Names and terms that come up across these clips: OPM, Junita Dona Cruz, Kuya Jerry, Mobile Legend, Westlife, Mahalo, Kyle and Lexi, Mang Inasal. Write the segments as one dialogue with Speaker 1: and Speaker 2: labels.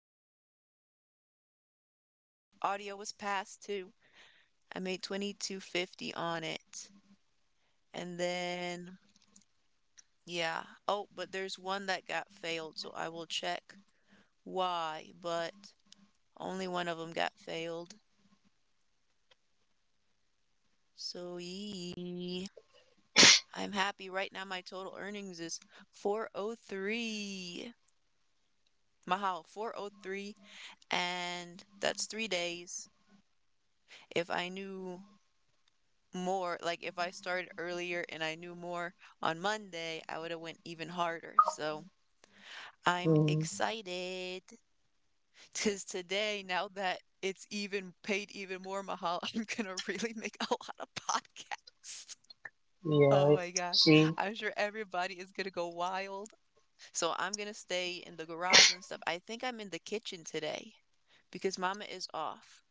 Speaker 1: And yeah, your audio was passed too. I made 2250 on it. And then, yeah. Oh, but there's one that got failed, so I will check why, but only one of them got failed. So, yee. I'm happy right now. My total earnings is 403. Mahal, 403. And that's 3 days. If I knew more, like if I started earlier and I knew more on Monday, I would have went even harder. So I'm
Speaker 2: Mhm.
Speaker 1: excited. Because today, now that it's even paid even more, Mahal, I'm gonna really make a lot of podcasts.
Speaker 2: Yeah.
Speaker 1: Oh
Speaker 2: I
Speaker 1: my gosh.
Speaker 2: see.
Speaker 1: I'm sure everybody is gonna go wild. So I'm gonna stay in the garage and stuff. I think I'm in the kitchen today because Mama is off.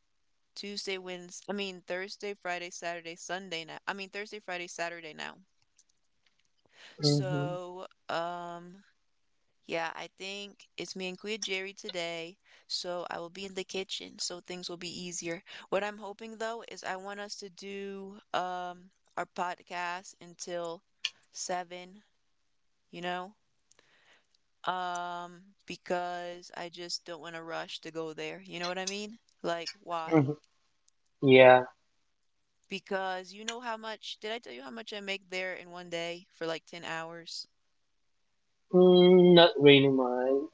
Speaker 1: Tuesday, Wednesday, I mean Thursday, Friday, Saturday, Sunday now. I mean Thursday, Friday, Saturday now.
Speaker 2: Mhm.
Speaker 1: So, yeah, I think it's me and Kuya Jerry today, so I will be in the kitchen, so things will be easier. What I'm hoping though is I want us to do our podcast until 7, you know? Because I just don't want to rush to go there. You know what I mean? Like, why?
Speaker 2: Mhm. Yeah.
Speaker 1: Because did I tell you how much I make there in one day for like 10 hours?
Speaker 2: Mm, not really mine.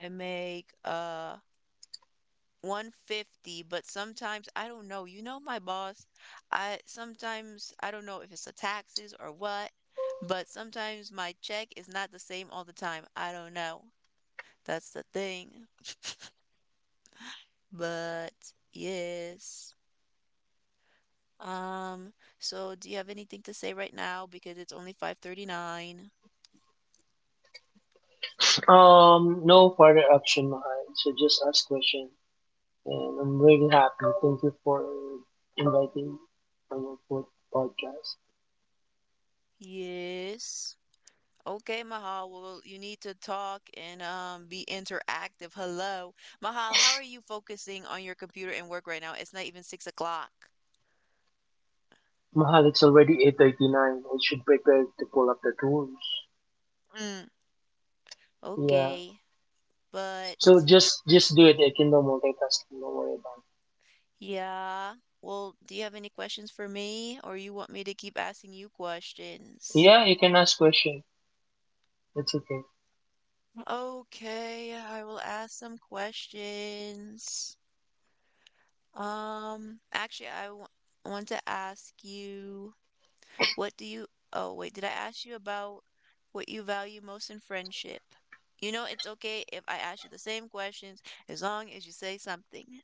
Speaker 1: I make 150, but sometimes I don't know. You know my boss. I sometimes I don't know if it's the taxes or what, but sometimes my check is not the same all the time. I don't know. That's the thing. But yes. Um, so do you have anything to say right now? Because it's only 5:39.
Speaker 2: No further action mine. So just ask question, and I'm really happy. Thank you for inviting on your podcast.
Speaker 1: Yes. Okay, Mahal. Well, you need to talk and be interactive. Hello. Mahal, how are you focusing on your computer and work right now? It's not even 6 o'clock.
Speaker 2: Mahal, it's already 8:39. I should prepare to pull up the tools.
Speaker 1: Mm,
Speaker 2: Yeah.
Speaker 1: okay. But
Speaker 2: So just do it. I can do multitasking. Don't worry about
Speaker 1: yeah. Well, do you have any questions for me, or you want me to keep asking you
Speaker 2: it.
Speaker 1: questions?
Speaker 2: Yeah, you can ask question. It's okay.
Speaker 1: Okay, I will ask some questions. Actually, I want to ask you. What do you, oh, wait, did I ask you about what you value most in friendship? It's okay if I ask you the same questions as long as you say something.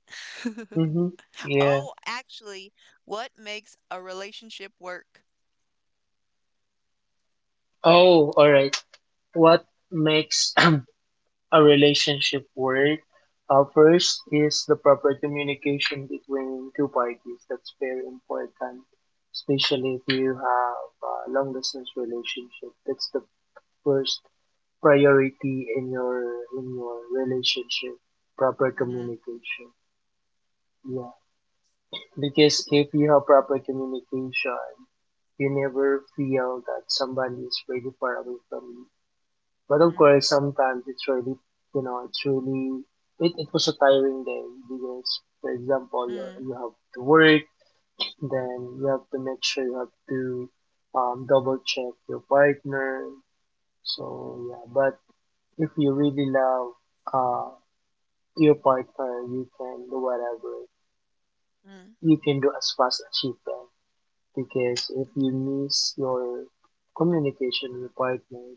Speaker 2: Mhm. Yeah.
Speaker 1: Oh, actually, what makes a relationship work?
Speaker 2: Oh, all right. What makes a relationship work? First is the proper communication between two parties. That's very important, especially if you have a long distance relationship. That's the first priority in your relationship. Proper
Speaker 1: Mm-hmm,
Speaker 2: communication. Yeah, because if you have proper communication, you never feel that somebody is really far away from you. But of
Speaker 1: mm-hmm,
Speaker 2: course, sometimes it's really, you know, it's really, it was a tiring day because, for example,
Speaker 1: mm,
Speaker 2: you have to work, then you have to make sure you have to double check your partner. So, yeah, but if you really love uh, your partner, you can do whatever.
Speaker 1: mm,
Speaker 2: You can do as fast as you can because if you miss your communication with partner,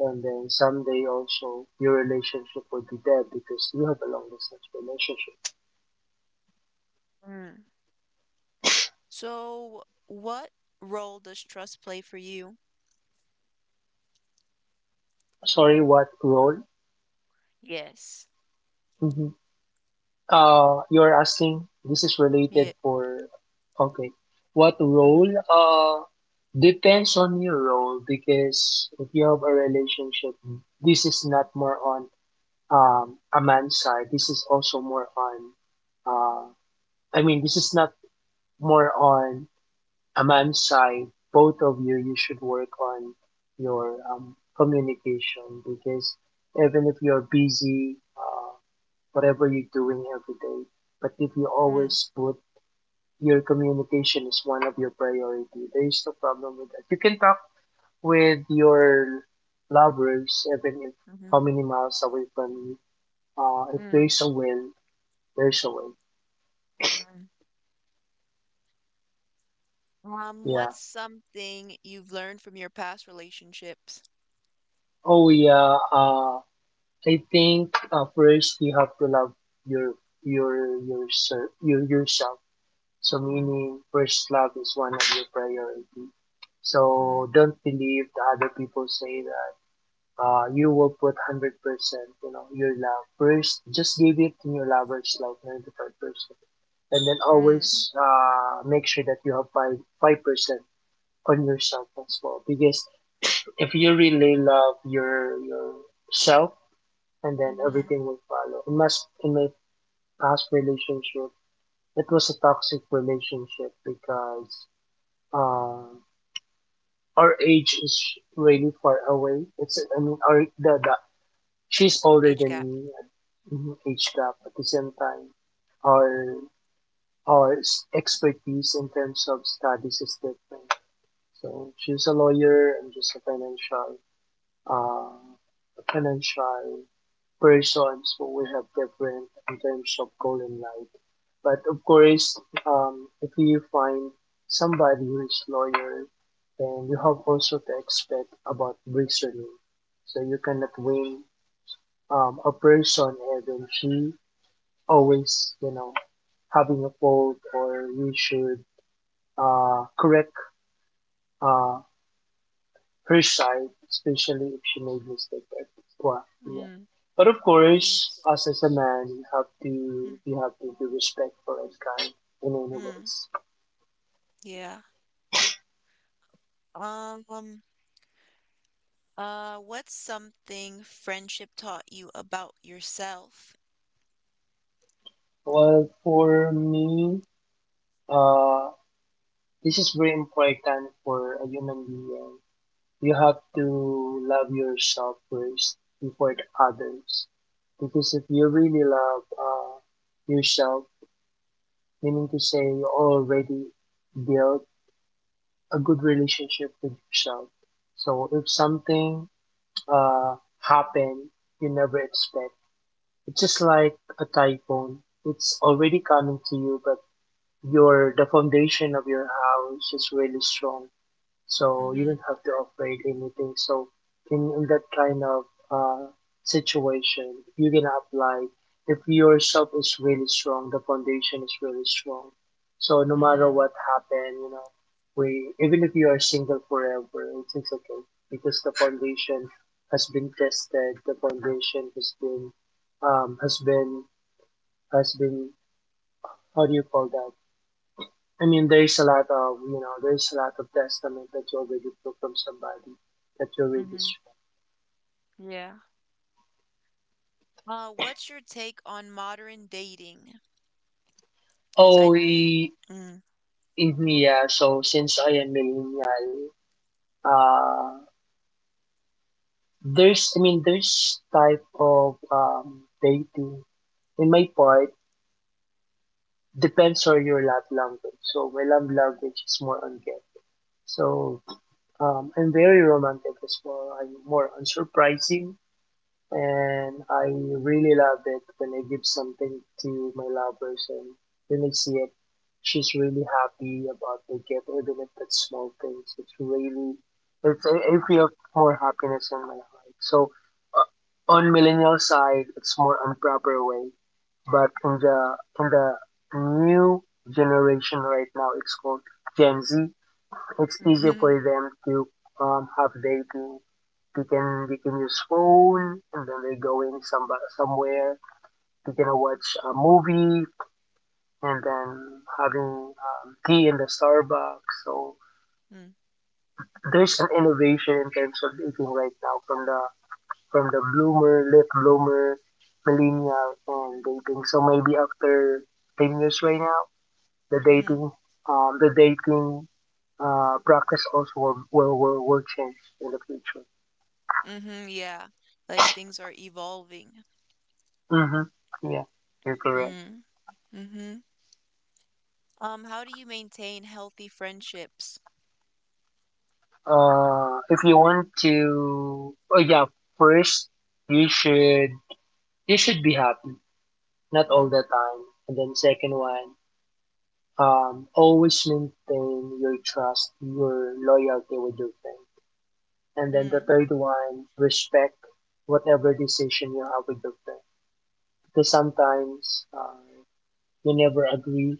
Speaker 2: and then someday also your relationship will be dead because you have a long distance relationship.
Speaker 1: mm. So, what role does trust play for you?
Speaker 2: Sorry, what role?
Speaker 1: Yes.
Speaker 2: Mm-hmm. You're asking. This is related
Speaker 1: Yeah.
Speaker 2: for. Okay, what role?
Speaker 1: Mm-hmm.
Speaker 2: Depends on your role because if you have a relationship, this is not more on a man's side. This is also more on. Uh, this is not more on Amansai, both of you, you should work on your communication because even if you're busy, whatever you're doing every day, but if you
Speaker 1: Mm,
Speaker 2: always put your communication is one of your priority, there is no problem with that. You can talk with your lovers even if
Speaker 1: hmm,
Speaker 2: how
Speaker 1: mm,
Speaker 2: many miles away from you. If
Speaker 1: hmm,
Speaker 2: there
Speaker 1: mm,
Speaker 2: is a will, there's a way.
Speaker 1: mm.
Speaker 2: Yeah.
Speaker 1: What's something you've learned from your past relationships?
Speaker 2: Oh yeah. I think first you have to love your yourself. So meaning first love is one of your priority.
Speaker 1: Mm,
Speaker 2: So don't believe the other people say that you will put 100%, you know, your love first. Just give it to your lovers like 95%, and then
Speaker 1: mm,
Speaker 2: always make sure that you have five five percent on yourself as well. Because if you really love your yourself, and then
Speaker 1: mhm.
Speaker 2: everything will follow. In my past relationship, it was a toxic relationship because um our age is really far away. It's I mean our the She's older
Speaker 1: Age
Speaker 2: than
Speaker 1: gap.
Speaker 2: me. Mhm, age gap at the same time. Our expertise in terms of studies is different. So she's a lawyer, I'm just a financial uh, financial persons who will have different in terms of goal in life. But of course, if you find somebody who is lawyer, then you have also to expect about reasoning. So you cannot win a person even she always, you know, having a fault or you should correct uh, her side, especially if she made mistake at what yeah.
Speaker 1: Mm,
Speaker 2: But of course,
Speaker 1: yes.
Speaker 2: us as a
Speaker 1: Yes.
Speaker 2: man, we have
Speaker 1: Mm,
Speaker 2: to we have to be respectful and kind in any
Speaker 1: mm,
Speaker 2: ways.
Speaker 1: yeah. Um, um, what's something friendship taught you about yourself?
Speaker 2: Well, for me, uh, this is very important for a human being. You have to love yourself first before the others, because if you really love yourself, meaning to say you already built a good relationship with yourself. So if something happen you never expect, it's just like a typhoon. It's already coming to you, but your the foundation of your house is really strong so you
Speaker 1: Mhm.
Speaker 2: don't have to upgrade anything. So in that kind of uh, situation, you can apply if your self is really strong, the foundation is really strong. So no matter
Speaker 1: Mhm.
Speaker 2: what happened, you know, we even if you are single forever, it's okay because the foundation has been tested. The foundation has been um, has been has been how do you call that? I mean, there's a lot of, you know, there's a lot of testament that you already took from somebody that you already
Speaker 1: Mhm.
Speaker 2: share.
Speaker 1: Yeah. What's your take on modern dating? Cause
Speaker 2: Oh,
Speaker 1: I
Speaker 2: i-
Speaker 1: mm,
Speaker 2: in me, yeah. So since I am millennial, uh, there's type of dating. In my part, depends on your love language. So my love language is more on get. So I'm very romantic as well. I'm more on surprising and I really love it when I give something to my loved person. When I see it, she's really happy about the gift, even if it's small things. It's really, it's I feel more happiness in my heart. So on millennial side, it's more on proper way, but in the new generation right now, it's called Gen Z. It's easier for
Speaker 1: mhm.
Speaker 2: them to have dating. They can use phone and then they're going somewhere. They can watch a movie and then having tea in the Starbucks. So
Speaker 1: Mm,
Speaker 2: there's an innovation in terms of dating right now from the bloomer, late bloomer, millennial, and dating. So maybe after 10 years right now, the
Speaker 1: mhm.
Speaker 2: dating um, the dating practice also will change in the future.
Speaker 1: Mhm. Yeah. Like things are evolving.
Speaker 2: Mm-hmm. Yeah, you're correct.
Speaker 1: Mm, mhm. How do you maintain healthy friendships?
Speaker 2: If you want to, Oh yeah, first you should you should be happy, not all
Speaker 1: Mm,
Speaker 2: the time. And then second one, always maintain your trust, your loyalty with your friend. And then the
Speaker 1: mm,
Speaker 2: third one, respect whatever decision you have with your friend. Because sometimes you never agree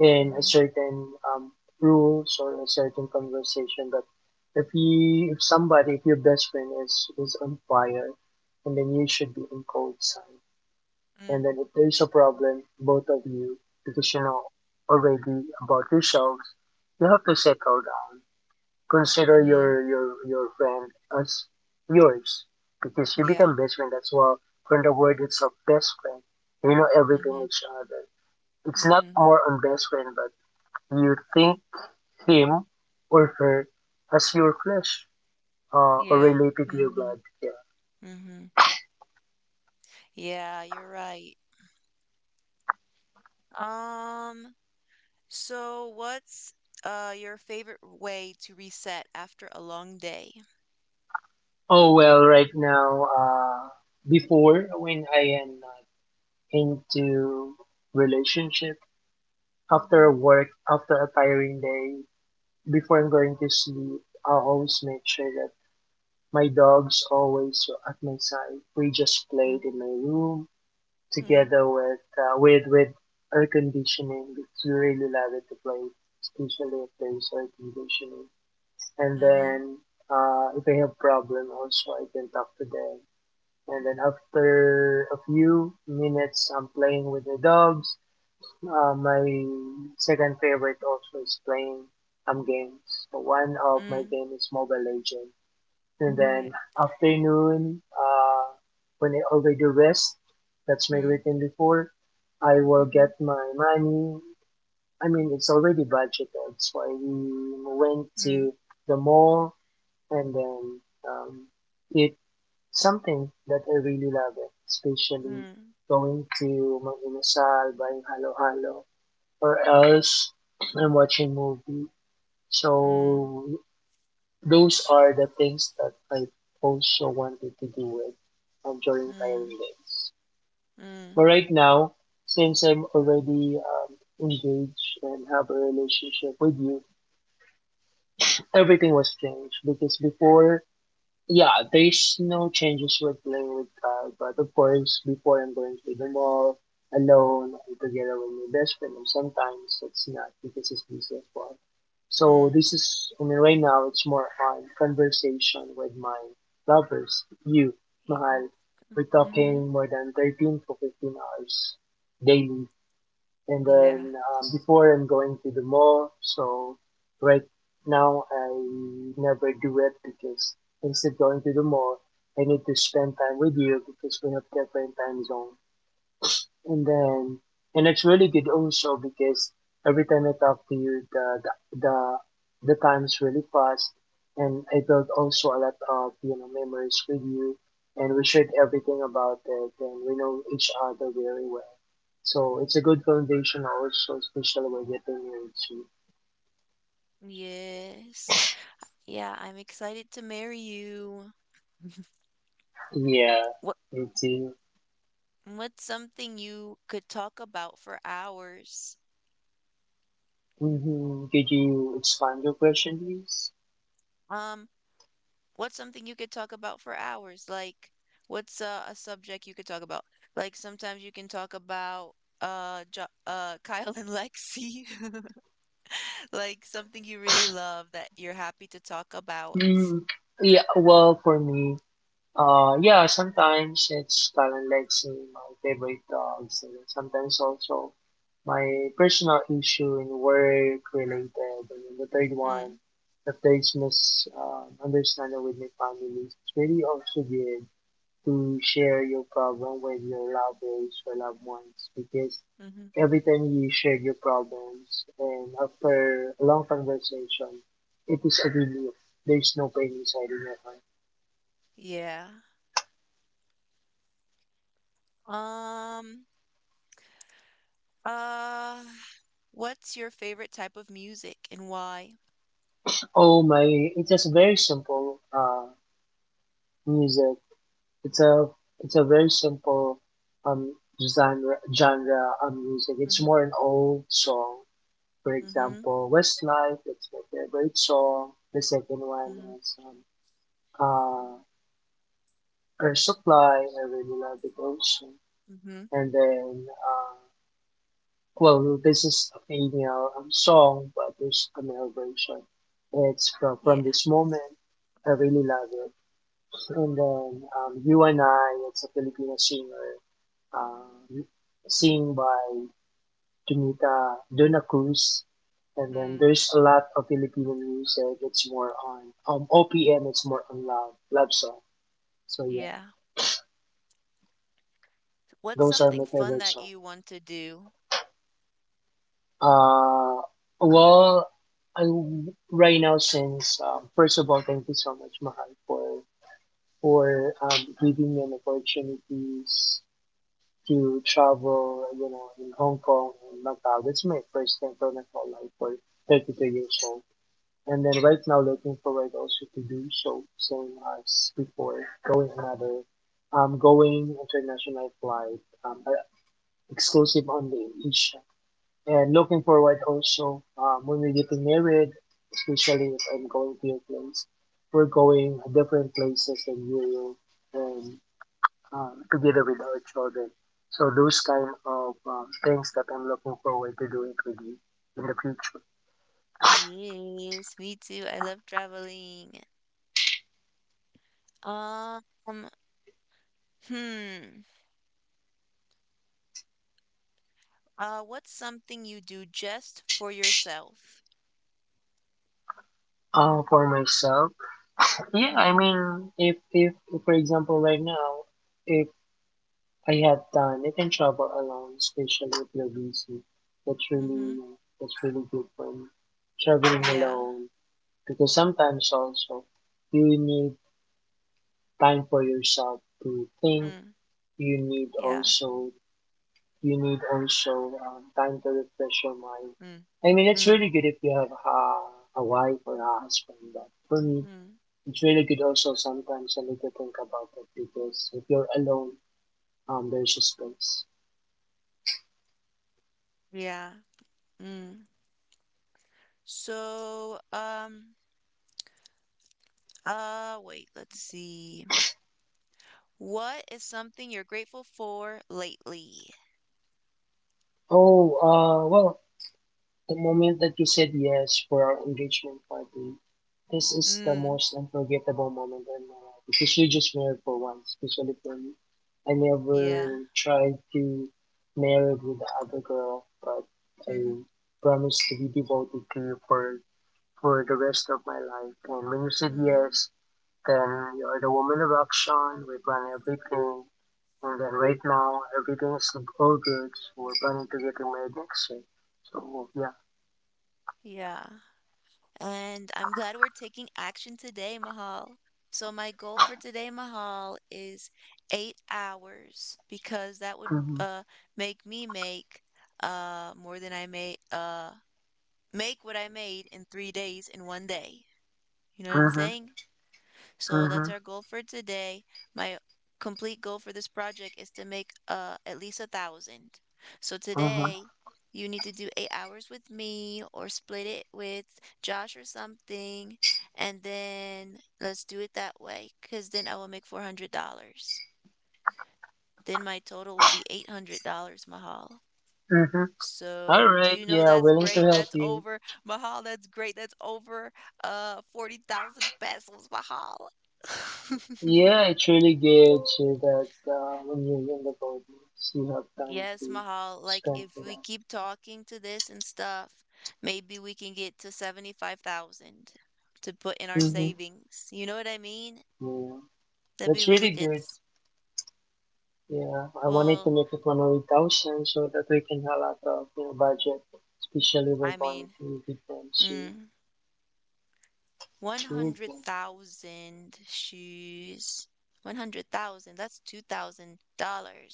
Speaker 2: in a
Speaker 1: mhm.
Speaker 2: certain rules or a certain conversation, but if you if somebody if your best friend is on fire and then you should be on cold side, and
Speaker 1: Mm,
Speaker 2: then if there's a problem both of you because you know already about yourselves, you have to settle down, consider your
Speaker 1: mhm.
Speaker 2: your your friend as yours because you
Speaker 1: Yeah.
Speaker 2: become best friend as well. From the word itself best friend, you know everything
Speaker 1: Mhm.
Speaker 2: each other. It's not
Speaker 1: Mhm.
Speaker 2: more on best friend, but you think him or her as your flesh, or
Speaker 1: Yeah.
Speaker 2: related to your
Speaker 1: Mhm.
Speaker 2: blood. Yeah.
Speaker 1: Mhm. Yeah, you're right. Um, so what's your favorite way to reset after a long day?
Speaker 2: Oh well, right now, before when I am not into relationship,
Speaker 1: Mhm.
Speaker 2: after work, after a tiring day, before I'm going to sleep, I always make sure that my dog's always at my side. We just
Speaker 1: Mm,
Speaker 2: played in my room
Speaker 1: mm,
Speaker 2: together with air conditioning because we really love it to play, especially if there's air conditioning. And
Speaker 1: mhm.
Speaker 2: then if I have problem, also I can talk to them. And then after a few minutes, I'm playing with the dogs. My second favorite also is playing games. So one of my
Speaker 1: Mm.
Speaker 2: game is Mobile Legend, and
Speaker 1: Mm.
Speaker 2: then afternoon when I already rest, that's my
Speaker 1: Mm.
Speaker 2: routine before I will
Speaker 1: Mhm.
Speaker 2: get my money. I mean it's already budgeted, so I went
Speaker 1: Mm.
Speaker 2: to the mall and then um, eat something that I really love it, especially
Speaker 1: Mm.
Speaker 2: going to Mang Inasal buying halo halo, or else I'm watching movie,
Speaker 1: Mm.
Speaker 2: so those are the things that I also wanted to do with during hiring
Speaker 1: Mm.
Speaker 2: days. But
Speaker 1: Mm.
Speaker 2: right now, since I'm already engaged and have a relationship with you, everything was changed because before yeah, there's no changes with playing with Kyle, but of course, before I'm going to the mall alone and together with my best friend, and sometimes it's not because it's busy as well. So
Speaker 1: Mm.
Speaker 2: this is, I mean, right now it's more on conversation with my lovers, you, Mahal. We're
Speaker 1: Mm-hmm.
Speaker 2: talking more than 13 to 15 hours daily and
Speaker 1: Yeah.
Speaker 2: then before I'm going to the mall. So right now I never do it because instead of going to the mall, I need to spend time with you because we have different time zone. And then and it's really good also because every time I talk to you, the, the time's really fast, and I built also a lot of you know memories with you, and we shared everything about it, and we know each other very well. So it's a good foundation also, especially when getting into
Speaker 1: Yes. Yeah, I'm excited to marry you.
Speaker 2: yeah,
Speaker 1: What
Speaker 2: into.
Speaker 1: What's something you could talk about for hours?
Speaker 2: Hmm, could you expand your question, please?
Speaker 1: Um, what's something you could talk about for hours? Like, what's a subject you could talk about? Like, sometimes you can talk about jo Kyle and Lexi, like something you really love that you're happy to talk about.
Speaker 2: Mm, yeah, well, for me, yeah, sometimes it's kind of like my favorite dogs, and sometimes also my personal issue in work related, and then the third one,
Speaker 1: Mm,
Speaker 2: the third misunderstanding understanding with my family. It's really also good to share your problem with your lovers or loved ones because
Speaker 1: hmm, mm-hmm.
Speaker 2: every time you share your problems and after a long conversation, it is a relief. There's no pain inside in your heart.
Speaker 1: Yeah. Um, uh, what's your favorite type of music and why?
Speaker 2: Oh my! It's just very simple music. It's a it's a very simple um genre music. It's
Speaker 1: Mm-hmm.
Speaker 2: more an old song. For
Speaker 1: Mm-hmm.
Speaker 2: example, Westlife. It's my favorite song. The second one
Speaker 1: Mm-hmm.
Speaker 2: is uh or supply, I really love it also.
Speaker 1: Mm-hmm.
Speaker 2: And then well, this is a female song, but there's a male version. It's from
Speaker 1: Yeah.
Speaker 2: from this moment. I really love it. And then you and I, it's a Filipino singer, um, sing by Junita Dona Cruz. And then
Speaker 1: Mm,
Speaker 2: there's a lot of Filipino music. It's more on OPM. It's more on love song, so yeah,
Speaker 1: yeah. What's
Speaker 2: those are my
Speaker 1: something fun
Speaker 2: favorite
Speaker 1: that
Speaker 2: songs.
Speaker 1: you want to do?
Speaker 2: Uh, well, I, right now, since first of all, thank you so much, Mahal, for giving me an opportunities to travel, you know, in Hong Kong and Macau. That's my first time for my whole life, for 32 years old. And then right now, looking forward also to do so, same as before, going another, going international flight, exclusive on the Asia, and looking forward also when we getting married, especially if I'm going to your place, we're going different places in Europe and together with our children. So those kind of things that I'm looking forward to doing with you in the future.
Speaker 1: Yes, me too. I love traveling. Um, hmm. What's something you do just for yourself?
Speaker 2: For myself, yeah, I
Speaker 1: Mm-hmm.
Speaker 2: mean, if for example right now, if I have time, I can travel alone, especially if you're busy. That's
Speaker 1: Mm-hmm.
Speaker 2: really good for me, traveling
Speaker 1: Yeah.
Speaker 2: alone, because sometimes also you need time for yourself to think.
Speaker 1: Mm.
Speaker 2: You need
Speaker 1: Yeah.
Speaker 2: also, you need also time to refresh your mind.
Speaker 1: Mm.
Speaker 2: I mean, it's really
Speaker 1: Mm.
Speaker 2: good if you have a wife or a husband, but for me
Speaker 1: Mm.
Speaker 2: it's really good also. Sometimes I need to think about it, because if you're alone, there's a space.
Speaker 1: Yeah. Mm. So, wait, let's see. What is something you're grateful for lately?
Speaker 2: Oh. The moment that you said yes for our engagement party, this is the
Speaker 1: Mm.
Speaker 2: most unforgettable moment in my life, because you just married for once, especially for me. I never
Speaker 1: Yeah.
Speaker 2: tried to marry with the other girl, but I
Speaker 1: Mm-hmm.
Speaker 2: promised to be devoted to you for the rest of my life. And when you said
Speaker 1: Mm-hmm.
Speaker 2: yes, then you're the woman of action. We plan everything. And then right now, everything is all good. So we're planning to get married next year. So yeah.
Speaker 1: Yeah. And I'm glad we're taking action today, Mahal. So, my goal for today, Mahal, is 8 hours because that would
Speaker 2: Mhm.
Speaker 1: uh, make me make more than I made, make what I made in 3 days in one day. You know what I'm
Speaker 2: Uh huh.
Speaker 1: saying? So that's
Speaker 2: huh.
Speaker 1: our goal for today. My complete goal for this project is to make at least 1,000. So
Speaker 2: Uh huh.
Speaker 1: today, you need to do 8 hours with me or split it with Josh or something. And then let's do it that way because then I will make $400. Then my total will be $800, Mahal.
Speaker 2: Uh huh. All
Speaker 1: So, do
Speaker 2: right,
Speaker 1: you know
Speaker 2: yeah,
Speaker 1: that's
Speaker 2: willing to
Speaker 1: great?
Speaker 2: help
Speaker 1: That's
Speaker 2: you.
Speaker 1: over. Mahal, that's great. That's over 40,000 pesos, Mahal.
Speaker 2: Yeah, it really gives you that when you win the gold, you have time
Speaker 1: Yes,
Speaker 2: to
Speaker 1: Mahal, like
Speaker 2: spend
Speaker 1: if
Speaker 2: for
Speaker 1: we
Speaker 2: that.
Speaker 1: keep talking to this and stuff, maybe we can get to 75,000 to put in our
Speaker 2: Mhm.
Speaker 1: savings. You know what I mean?
Speaker 2: Yeah,
Speaker 1: That'd
Speaker 2: that's
Speaker 1: be really
Speaker 2: really
Speaker 1: good.
Speaker 2: good. Yeah, I wanted to
Speaker 1: Well,
Speaker 2: make it 100,000 so that we can have a lot of, you know, budget, especially we're
Speaker 1: I
Speaker 2: going
Speaker 1: mean,
Speaker 2: to Vietnam soon.
Speaker 1: mm,
Speaker 2: Really good.
Speaker 1: 100,000 shoes. 100,000, that's $2,000.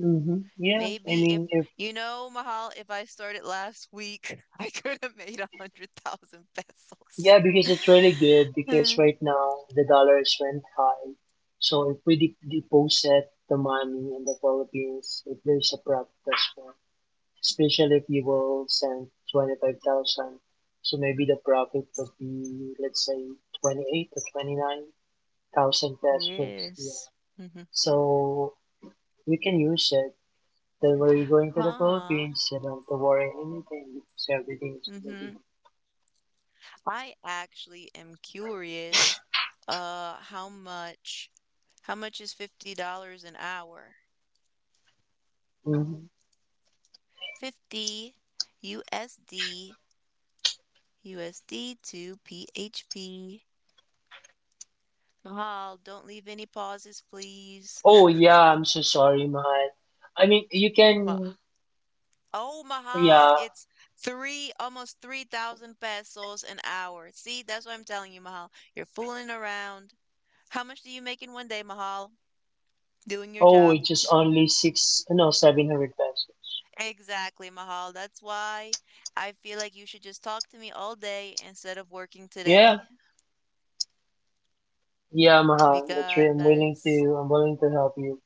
Speaker 2: Mhm. Yeah, I
Speaker 1: Maybe if,
Speaker 2: mean.
Speaker 1: Mahal, if I started last week, I could have made 100,000 pesos.
Speaker 2: Yeah, because it's really good because right now the dollars went high. So if we deposit the money in the Philippines, if there's a profit as well, especially if you will send 25,000, so maybe the profit would be, let's say, 28 to 29,000 pesos. Yeah.
Speaker 1: Yes. Hmm.
Speaker 2: So we can use it. Then we're going to the
Speaker 1: Huh.
Speaker 2: Philippines, you don't have to worry anything because everything is going to be.
Speaker 1: hmm I actually am curious, uh, how much, how much is $50 an hour?
Speaker 2: Mm-hmm.
Speaker 1: 50 USD, USD to PHP. Mahal, don't leave any pauses, please.
Speaker 2: Oh yeah, I'm so sorry, Mahal. I mean, you
Speaker 1: Ma-
Speaker 2: can,
Speaker 1: Oh, Mahal,
Speaker 2: yeah.
Speaker 1: it's almost 3,000 pesos an hour. See, that's what I'm telling you, Mahal. You're fooling around. How much do you make in one day, Mahal? Doing your
Speaker 2: Oh,
Speaker 1: job.
Speaker 2: it's just only six, no, 700 pesos.
Speaker 1: Exactly, Mahal. That's why I feel like you should just talk to me all day instead of working
Speaker 2: Yeah,
Speaker 1: today
Speaker 2: yeah, Mahal, that's right.
Speaker 1: because
Speaker 2: I'm willing to help you.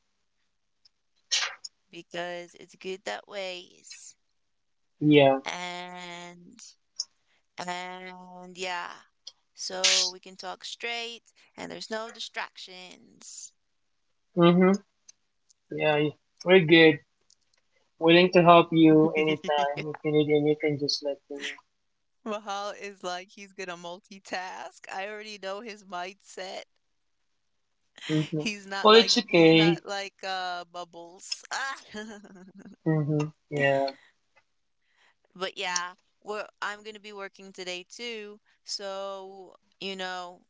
Speaker 1: because it's good that ways.
Speaker 2: Yeah.
Speaker 1: And and yeah. So we can talk straight and there's no distractions.
Speaker 2: Mhm. Yeah, we're good. Willing to help you anytime. If you need anything, just let me know.
Speaker 1: Mahal is like he's gonna multitask. I already know his mindset.
Speaker 2: Mhm.
Speaker 1: He's not
Speaker 2: Well, it's
Speaker 1: like he's
Speaker 2: okay.
Speaker 1: not like Bubbles. Ah.
Speaker 2: Mhm. Yeah.
Speaker 1: But yeah, I'm going to be working today too. So,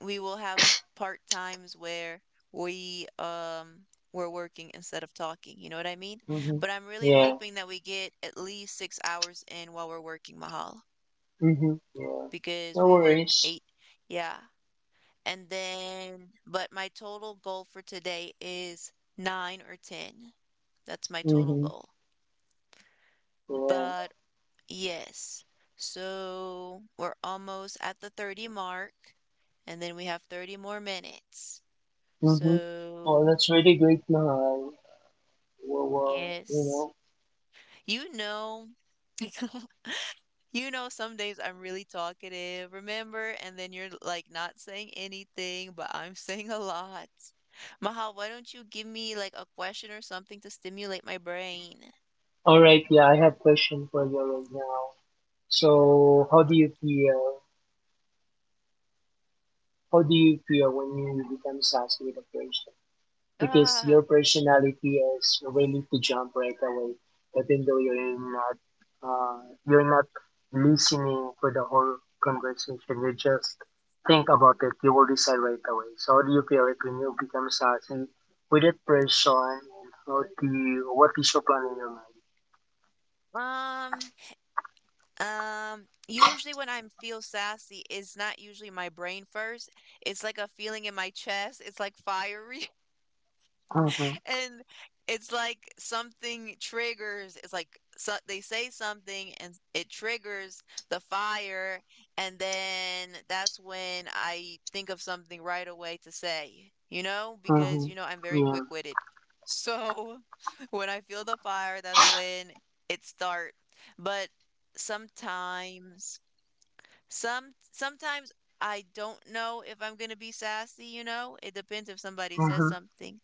Speaker 1: we will have part times where we um we're working instead of talking, you know what I mean?
Speaker 2: Mhm.
Speaker 1: But I'm really
Speaker 2: Yeah.
Speaker 1: hoping that we get at least 6 hours in while we're working, Mahal,
Speaker 2: Mhm. Yeah.
Speaker 1: because
Speaker 2: No
Speaker 1: we work
Speaker 2: worries.
Speaker 1: 8. Yeah. And then but my total goal for today is 9 or 10. That's my total
Speaker 2: Mhm.
Speaker 1: goal.
Speaker 2: Yeah.
Speaker 1: But yes. So we're almost at the 30 mark, and then we have 30 more minutes.
Speaker 2: Mhm. Oh,
Speaker 1: So,
Speaker 2: that's really great, Mahal. Well, well, you
Speaker 1: yes.
Speaker 2: know.
Speaker 1: You know, some days I'm really talkative, remember? And then you're like not saying anything, but I'm saying a lot. Mahal, why don't you give me like a question or something to stimulate my brain?
Speaker 2: All right, yeah, I have question for you right now. So, how do you feel? How do you feel when you become sassy with a person? Because your
Speaker 1: Ah,
Speaker 2: personality is ready to jump right away, even though uh, you're not listening for the whole conversation. You just think about it. You will decide right away. So, how do you feel like when you become sassy with a person? And how do you? What is your plan in your mind?
Speaker 1: Um, usually when I feel sassy, it's not usually my brain first. It's like a feeling in my chest. It's like fiery and it's like something triggers. It's like so they say something and it triggers the fire and then that's when I think of something right away to say, because
Speaker 2: Mm-hmm.
Speaker 1: you know I'm very
Speaker 2: Yeah.
Speaker 1: quick-witted. So when I feel the fire, that's when it start. But sometimes sometimes I don't know if I'm gonna be sassy, you know? It depends if somebody says
Speaker 2: Mm-hmm.
Speaker 1: something.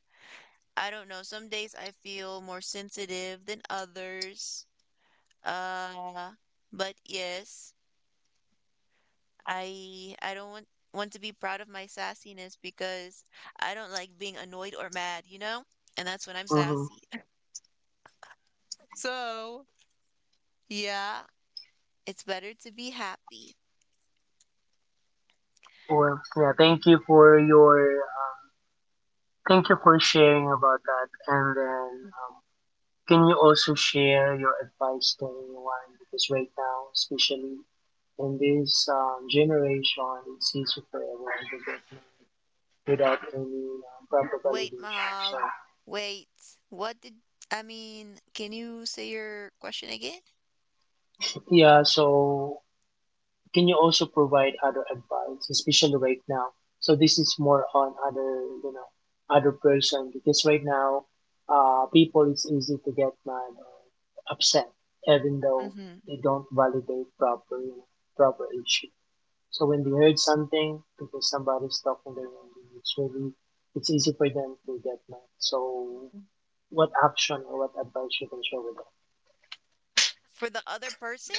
Speaker 1: I don't know. Some days I feel more sensitive than others. Uh, but yes, I don't want to be proud of my sassiness because I don't like being annoyed or mad, you know? And that's when I'm
Speaker 2: Mm-hmm.
Speaker 1: sassy. So, yeah, it's better to be happy.
Speaker 2: Well, yeah, thank you for your. Thank you for sharing about that. And then,
Speaker 1: Mm.
Speaker 2: can you also share your advice to anyone? Because right now, especially in this generation, it's easy for everyone to get married without any proper
Speaker 1: Wait,
Speaker 2: validation. So
Speaker 1: Mahal. Wait. What did I mean? Can you say your question again?
Speaker 2: yeah. So can you also provide other advice, especially right now? So this is more on other, you know, other person, because right now, people, it's easy to get mad or upset, even though
Speaker 1: Mm-hmm.
Speaker 2: they don't validate proper, you know, proper issue. So when they heard something because somebody's talking their language, it's really it's easy for them to get mad. So what action or what advice you can share with them?
Speaker 1: For the other person?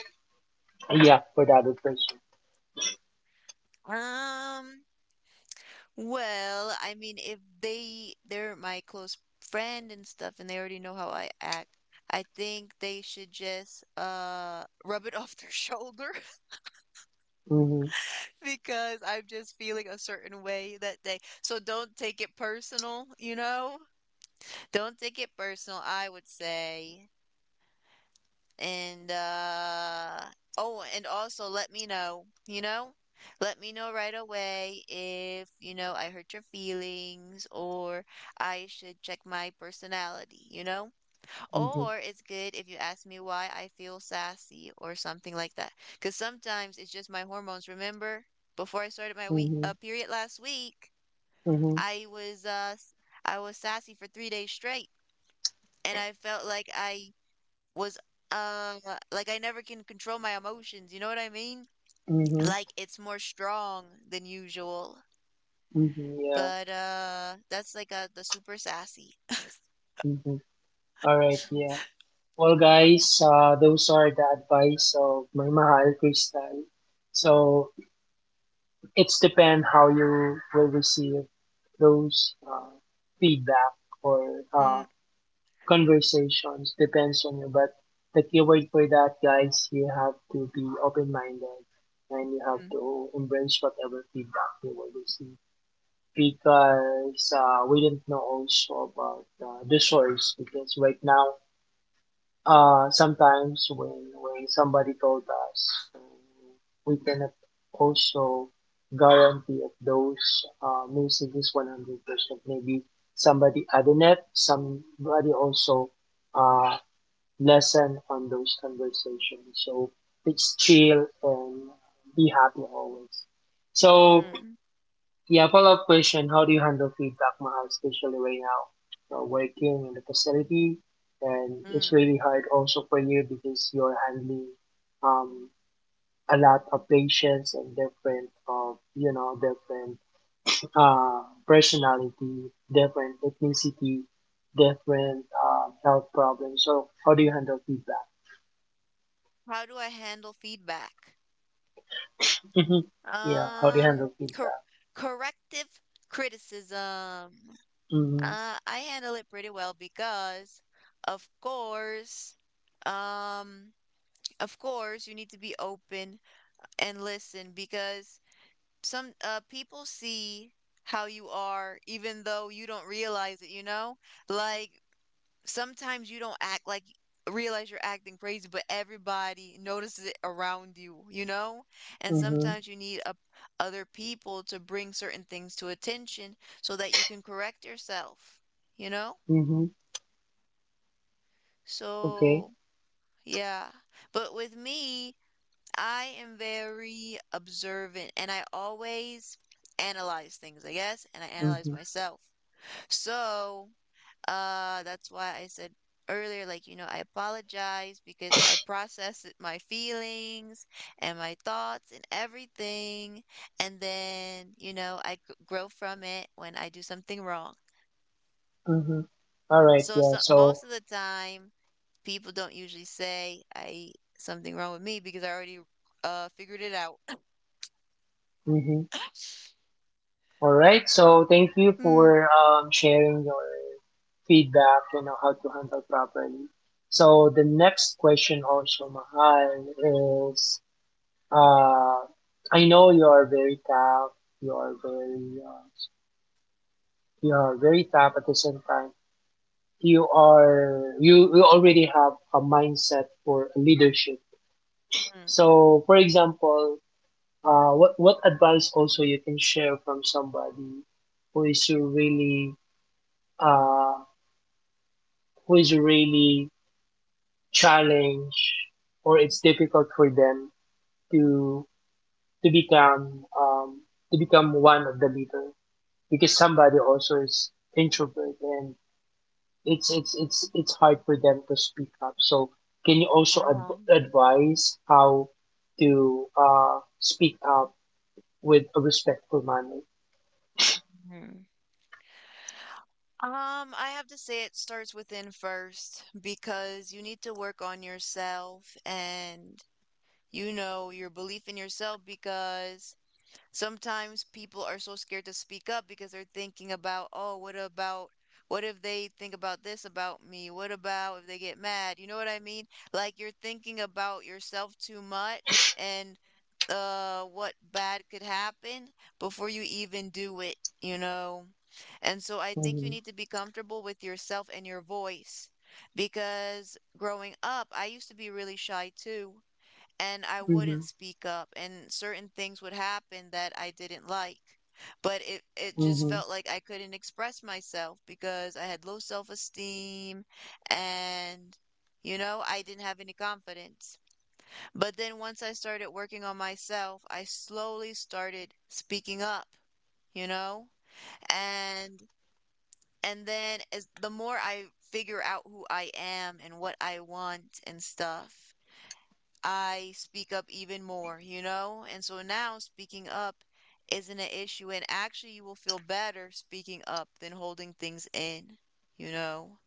Speaker 2: Yeah, for the other person.
Speaker 1: Um, well, I mean, if they're my close friend and stuff and they already know how I act, I think they should just rub it off their shoulder.
Speaker 2: Mm-hmm.
Speaker 1: Because I'm just feeling a certain way that day. So don't take it personal, you know? Don't take it personal, I would say. And oh, and also let me know, you know? Let me know right away if, I hurt your feelings or I should check my personality, you know?
Speaker 2: Mm-hmm.
Speaker 1: Or it's good if you ask me why I feel sassy or something like that. Because sometimes it's just my hormones. Remember, before I started my week
Speaker 2: Mm-hmm.
Speaker 1: period last week,
Speaker 2: Mm-hmm.
Speaker 1: I was uh s- I was sassy for 3 days straight, and I felt like I was uh like I never can control my emotions. You know what I mean?
Speaker 2: Mm-hmm.
Speaker 1: Like it's more strong than usual.
Speaker 2: Mhm, yeah.
Speaker 1: But that's like the super sassy.
Speaker 2: Mhm. All right. Yeah. Well, guys, those are the advice of my mahal Crystal. So it's depend how you will receive those feedback or
Speaker 1: Mm,
Speaker 2: conversations depends on you. But the keyword for that, guys, you have to be open-minded, and you have
Speaker 1: mm,
Speaker 2: to embrace whatever feedback you will receive, because we didn't know also about the source, because right now sometimes when somebody told us, we cannot also guarantee if those music is 100%. Maybe somebody added it, somebody also uh, lesson on those conversations. So it's chill and be happy always. So
Speaker 1: mm,
Speaker 2: yeah, follow-up question: how do you handle feedback, Mahal, especially right now? You're working in the facility, and it's
Speaker 1: mm.
Speaker 2: really hard also for you because you're handling um, a lot of patients and different of, you know, different personality, different ethnicity, different health problems. So how do you handle feedback?
Speaker 1: How do I handle feedback?
Speaker 2: Hmm. Yeah, how do you handle
Speaker 1: Um, cor
Speaker 2: feedback?
Speaker 1: Corrective criticism.
Speaker 2: Mm-hmm.
Speaker 1: I handle it pretty well because, of course, um, of course, you need to be open and listen because some people see how you are even though you don't realize it, you know? Like sometimes you don't act like realize you're acting crazy, but everybody notices it around you, you know? And
Speaker 2: Mm-hmm.
Speaker 1: sometimes you need a, other people to bring certain things to attention so that you can correct yourself, you know?
Speaker 2: Mm-hmm. Okay.
Speaker 1: So, yeah. But with me, I am very observant and I always analyze things, I guess, and I analyze
Speaker 2: Mm-hmm.
Speaker 1: myself. So, that's why I said earlier, I apologize because I process my feelings and my thoughts and everything. And then, I grow from it when I do something wrong.
Speaker 2: Mm-hmm. All right,
Speaker 1: So,
Speaker 2: yeah.
Speaker 1: so
Speaker 2: So
Speaker 1: most of the time, people don't usually say I something wrong with me because I already figured it out.
Speaker 2: mm-hmm. All right. So thank you
Speaker 1: Mm.
Speaker 2: for sharing your feedback. You know how to handle properly. So the next question also, Mahal, is uh, I know you are very tough. You are very uh, you are very tough at the same time. You already have a mindset for leadership.
Speaker 1: Mm.
Speaker 2: So for example, what advice also you can share from somebody who is really uh, who is really challenged, or it's difficult for them to become to become one of the leader, because somebody also is introvert, and it's hard for them to speak up. So can you also
Speaker 1: Ah.
Speaker 2: advise how to speak up with a respectful manner?
Speaker 1: I have to say it starts within first because you need to work on yourself and you know your belief in yourself because sometimes people are so scared to speak up because they're thinking about, oh, what about, what if they think about this about me? What about if they get mad? You know what I mean? Like you're thinking about yourself too much and what bad could happen before you even do it, you know? And so I think you
Speaker 2: Mhm.
Speaker 1: need to be comfortable with yourself and your voice because growing up, I used to be really shy too and I wouldn't
Speaker 2: Mhm.
Speaker 1: speak up, and certain things would happen that I didn't like. But it just
Speaker 2: Mhm.
Speaker 1: felt like I couldn't express myself because I had low self esteem and, you know, I didn't have any confidence. But then once I started working on myself, I slowly started speaking up, you know? And then as the more I figure out who I am and what I want and stuff, I speak up even more, you know? And so now speaking up isn't an issue. And actually, you will feel better speaking up than holding things in, you know?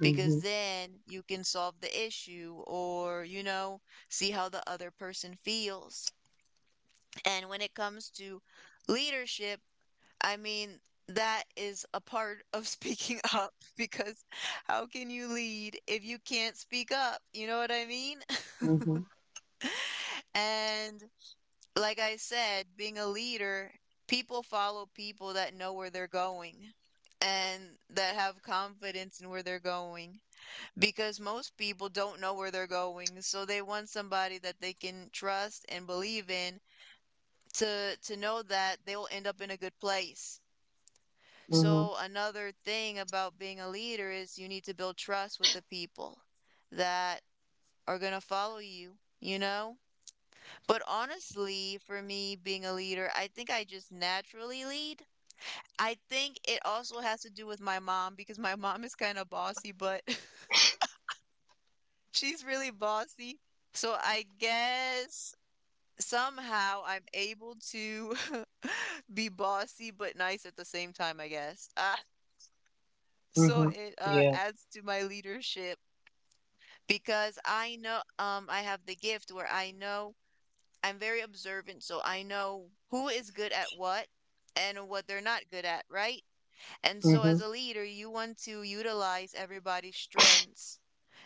Speaker 1: Because then you can solve the issue or, you know, see how the other person feels. And when it comes to leadership, I mean, that is a part of speaking up because how can you lead if you can't speak up? You know what I mean?
Speaker 2: Mhm.
Speaker 1: And like I said, being a leader, people follow people that know where they're going and that have confidence in where they're going because most people don't know where they're going, so they want somebody that they can trust and believe in to know that they'll end up in a good place.
Speaker 2: Mhm.
Speaker 1: So another thing about being a leader is you need to build trust with the people that are going to follow you, you know. But honestly, for me being a leader, I think I just naturally lead. I think it also has to do with my mom because my mom is kind of bossy, but she's really bossy. So I guess somehow I'm able to be bossy but nice at the same time, I guess. Ah, so
Speaker 2: Mhm.
Speaker 1: it
Speaker 2: Yeah.
Speaker 1: adds to my leadership because I know I have the gift where I know I'm very observant, so I know who is good at what and what they're not good at, right? And so as
Speaker 2: Mhm.
Speaker 1: a leader, you want to utilize everybody's strengths,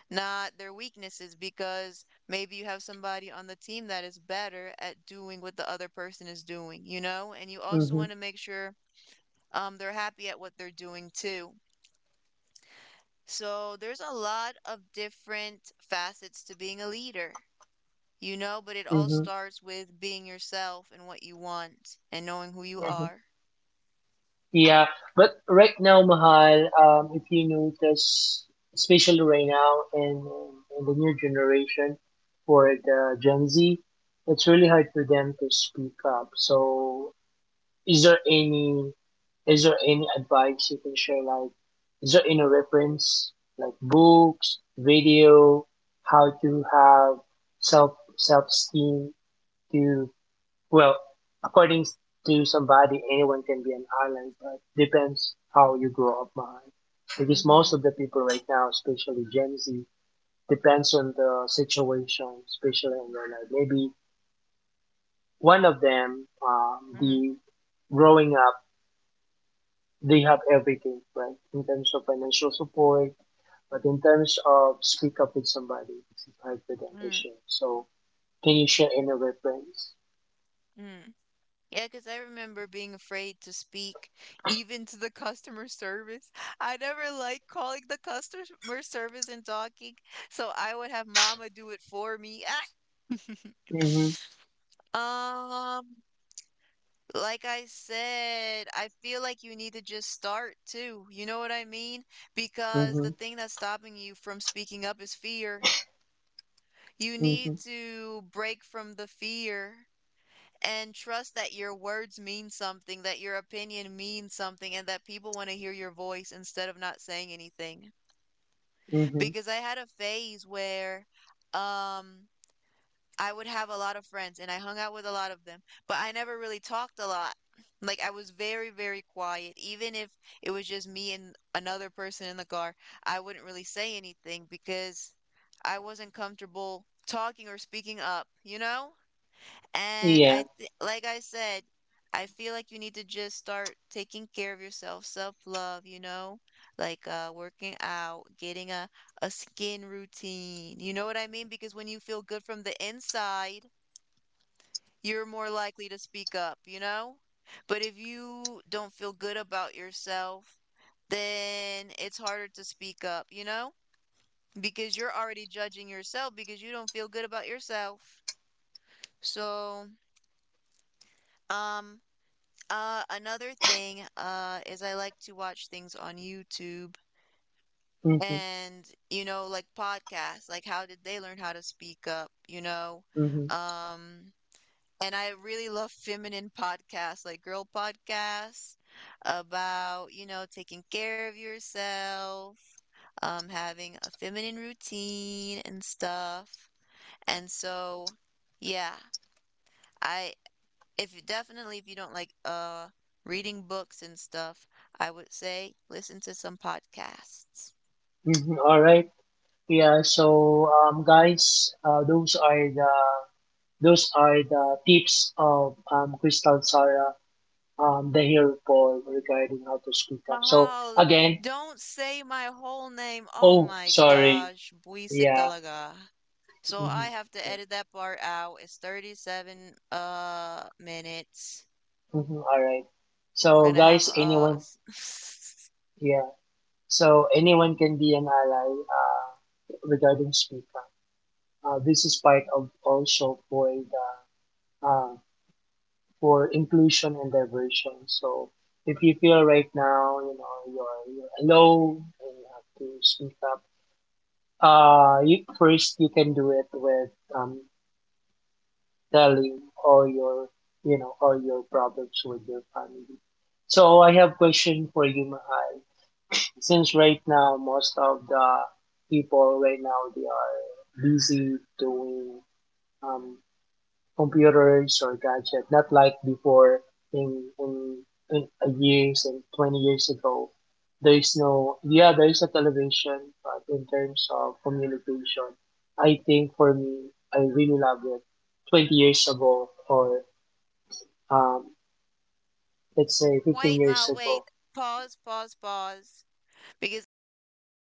Speaker 1: not their weaknesses, because maybe you have somebody on the team that is better at doing what the other person is doing, you know? And you also
Speaker 2: Mhm.
Speaker 1: want to make sure they're happy at what they're doing too. So there's a lot of different facets to being a leader. You know, but it all
Speaker 2: Mhm.
Speaker 1: starts with being yourself and what you want and knowing who you
Speaker 2: Mhm.
Speaker 1: are.
Speaker 2: Yeah, but right now, Mahal, if you notice, especially right now in the new generation for the Gen Z, it's really hard for them to speak up. So, is there any is there any advice you can share? Like, is there any reference, like books, video, how to have self esteem to well, according to somebody, anyone can be an island, but depends how you grow up, Mahal. Because most
Speaker 1: Mm-hmm.
Speaker 2: of the people right now, especially Gen Z, depends on the situation, especially in their life. Maybe one of them,
Speaker 1: Mm-hmm.
Speaker 2: the growing up, they have everything, right? In terms of financial support, but in terms of speak up with somebody, it's hard for them to share. So, can you share any reference?
Speaker 1: Mm-hmm. Yeah, because I remember being afraid to speak even to the customer service. I never liked calling the customer service and talking, so I would have mama do it for me.
Speaker 2: Mm-hmm,
Speaker 1: um, Like I said, I feel like you need to just start too. You know what I mean? Because the
Speaker 2: mm-hmm,
Speaker 1: thing that's stopping you from speaking up is fear. You
Speaker 2: mm-hmm,
Speaker 1: need to break from the fear and trust that your words mean something, that your opinion means something, and that people want to hear your voice instead of not saying anything.
Speaker 2: mm-hmm.
Speaker 1: Because I had a phase where um I would have a lot of friends and I hung out with a lot of them, but I never really talked a lot. Like I was very, very quiet. Even if it was just me and another person in the car, I wouldn't really say anything because I wasn't comfortable talking or speaking up, you know? And
Speaker 2: Yeah.
Speaker 1: I th like I said, I feel like you need to just start taking care of yourself, self-love, you know? Like working out, getting a skin routine. You know what I mean? Because when you feel good from the inside, you're more likely to speak up, you know? But if you don't feel good about yourself, then it's harder to speak up, you know? Because you're already judging yourself because you don't feel good about yourself. So, um another thing, is I like to watch things on YouTube
Speaker 2: Mm-hmm,
Speaker 1: and, you know, like podcasts, like how did they learn how to speak up, you know?
Speaker 2: mm-hmm,
Speaker 1: Um, and I really love feminine podcasts, like girl podcasts about, you know, taking care of yourself, having a feminine routine and stuff. And so, yeah, I if definitely if you don't like reading books and stuff, I would say listen to some podcasts.
Speaker 2: mm-hmm. All right. Yeah. So, guys, those are the tips of Crystal Sarah, the hero Paul, regarding how to speak up. So
Speaker 1: Mahalo.
Speaker 2: again,
Speaker 1: Don't say my whole name. Oh
Speaker 2: oh,
Speaker 1: my
Speaker 2: sorry.
Speaker 1: gosh, buisit
Speaker 2: Yeah.
Speaker 1: talaga. So
Speaker 2: Mm-hmm,
Speaker 1: I have to edit that part out. It's 37 minutes.
Speaker 2: mm-hmm, all right.
Speaker 1: We're
Speaker 2: So,
Speaker 1: gonna have
Speaker 2: guys, anyone? Yeah. So anyone can be an ally, regarding speak up. This is part of also for the uh, for inclusion and diversion. So if you feel right now, you know, you're alone and you have to speak up, first you can do it with telling all your, you know, all your problems with your family. So I have question for you, Mahal. Since right now most of the people right now they are busy doing um, computers or gadget, not like before in in in a years and 20 years ago. There is no, yeah, there is a television, but in terms of communication, I think for me, I really love it. 20 years ago, or um, let's say fifteen
Speaker 1: wait, ma
Speaker 2: years
Speaker 1: wait.
Speaker 2: ago,
Speaker 1: Pause, pause, pause. Because I don't want a kid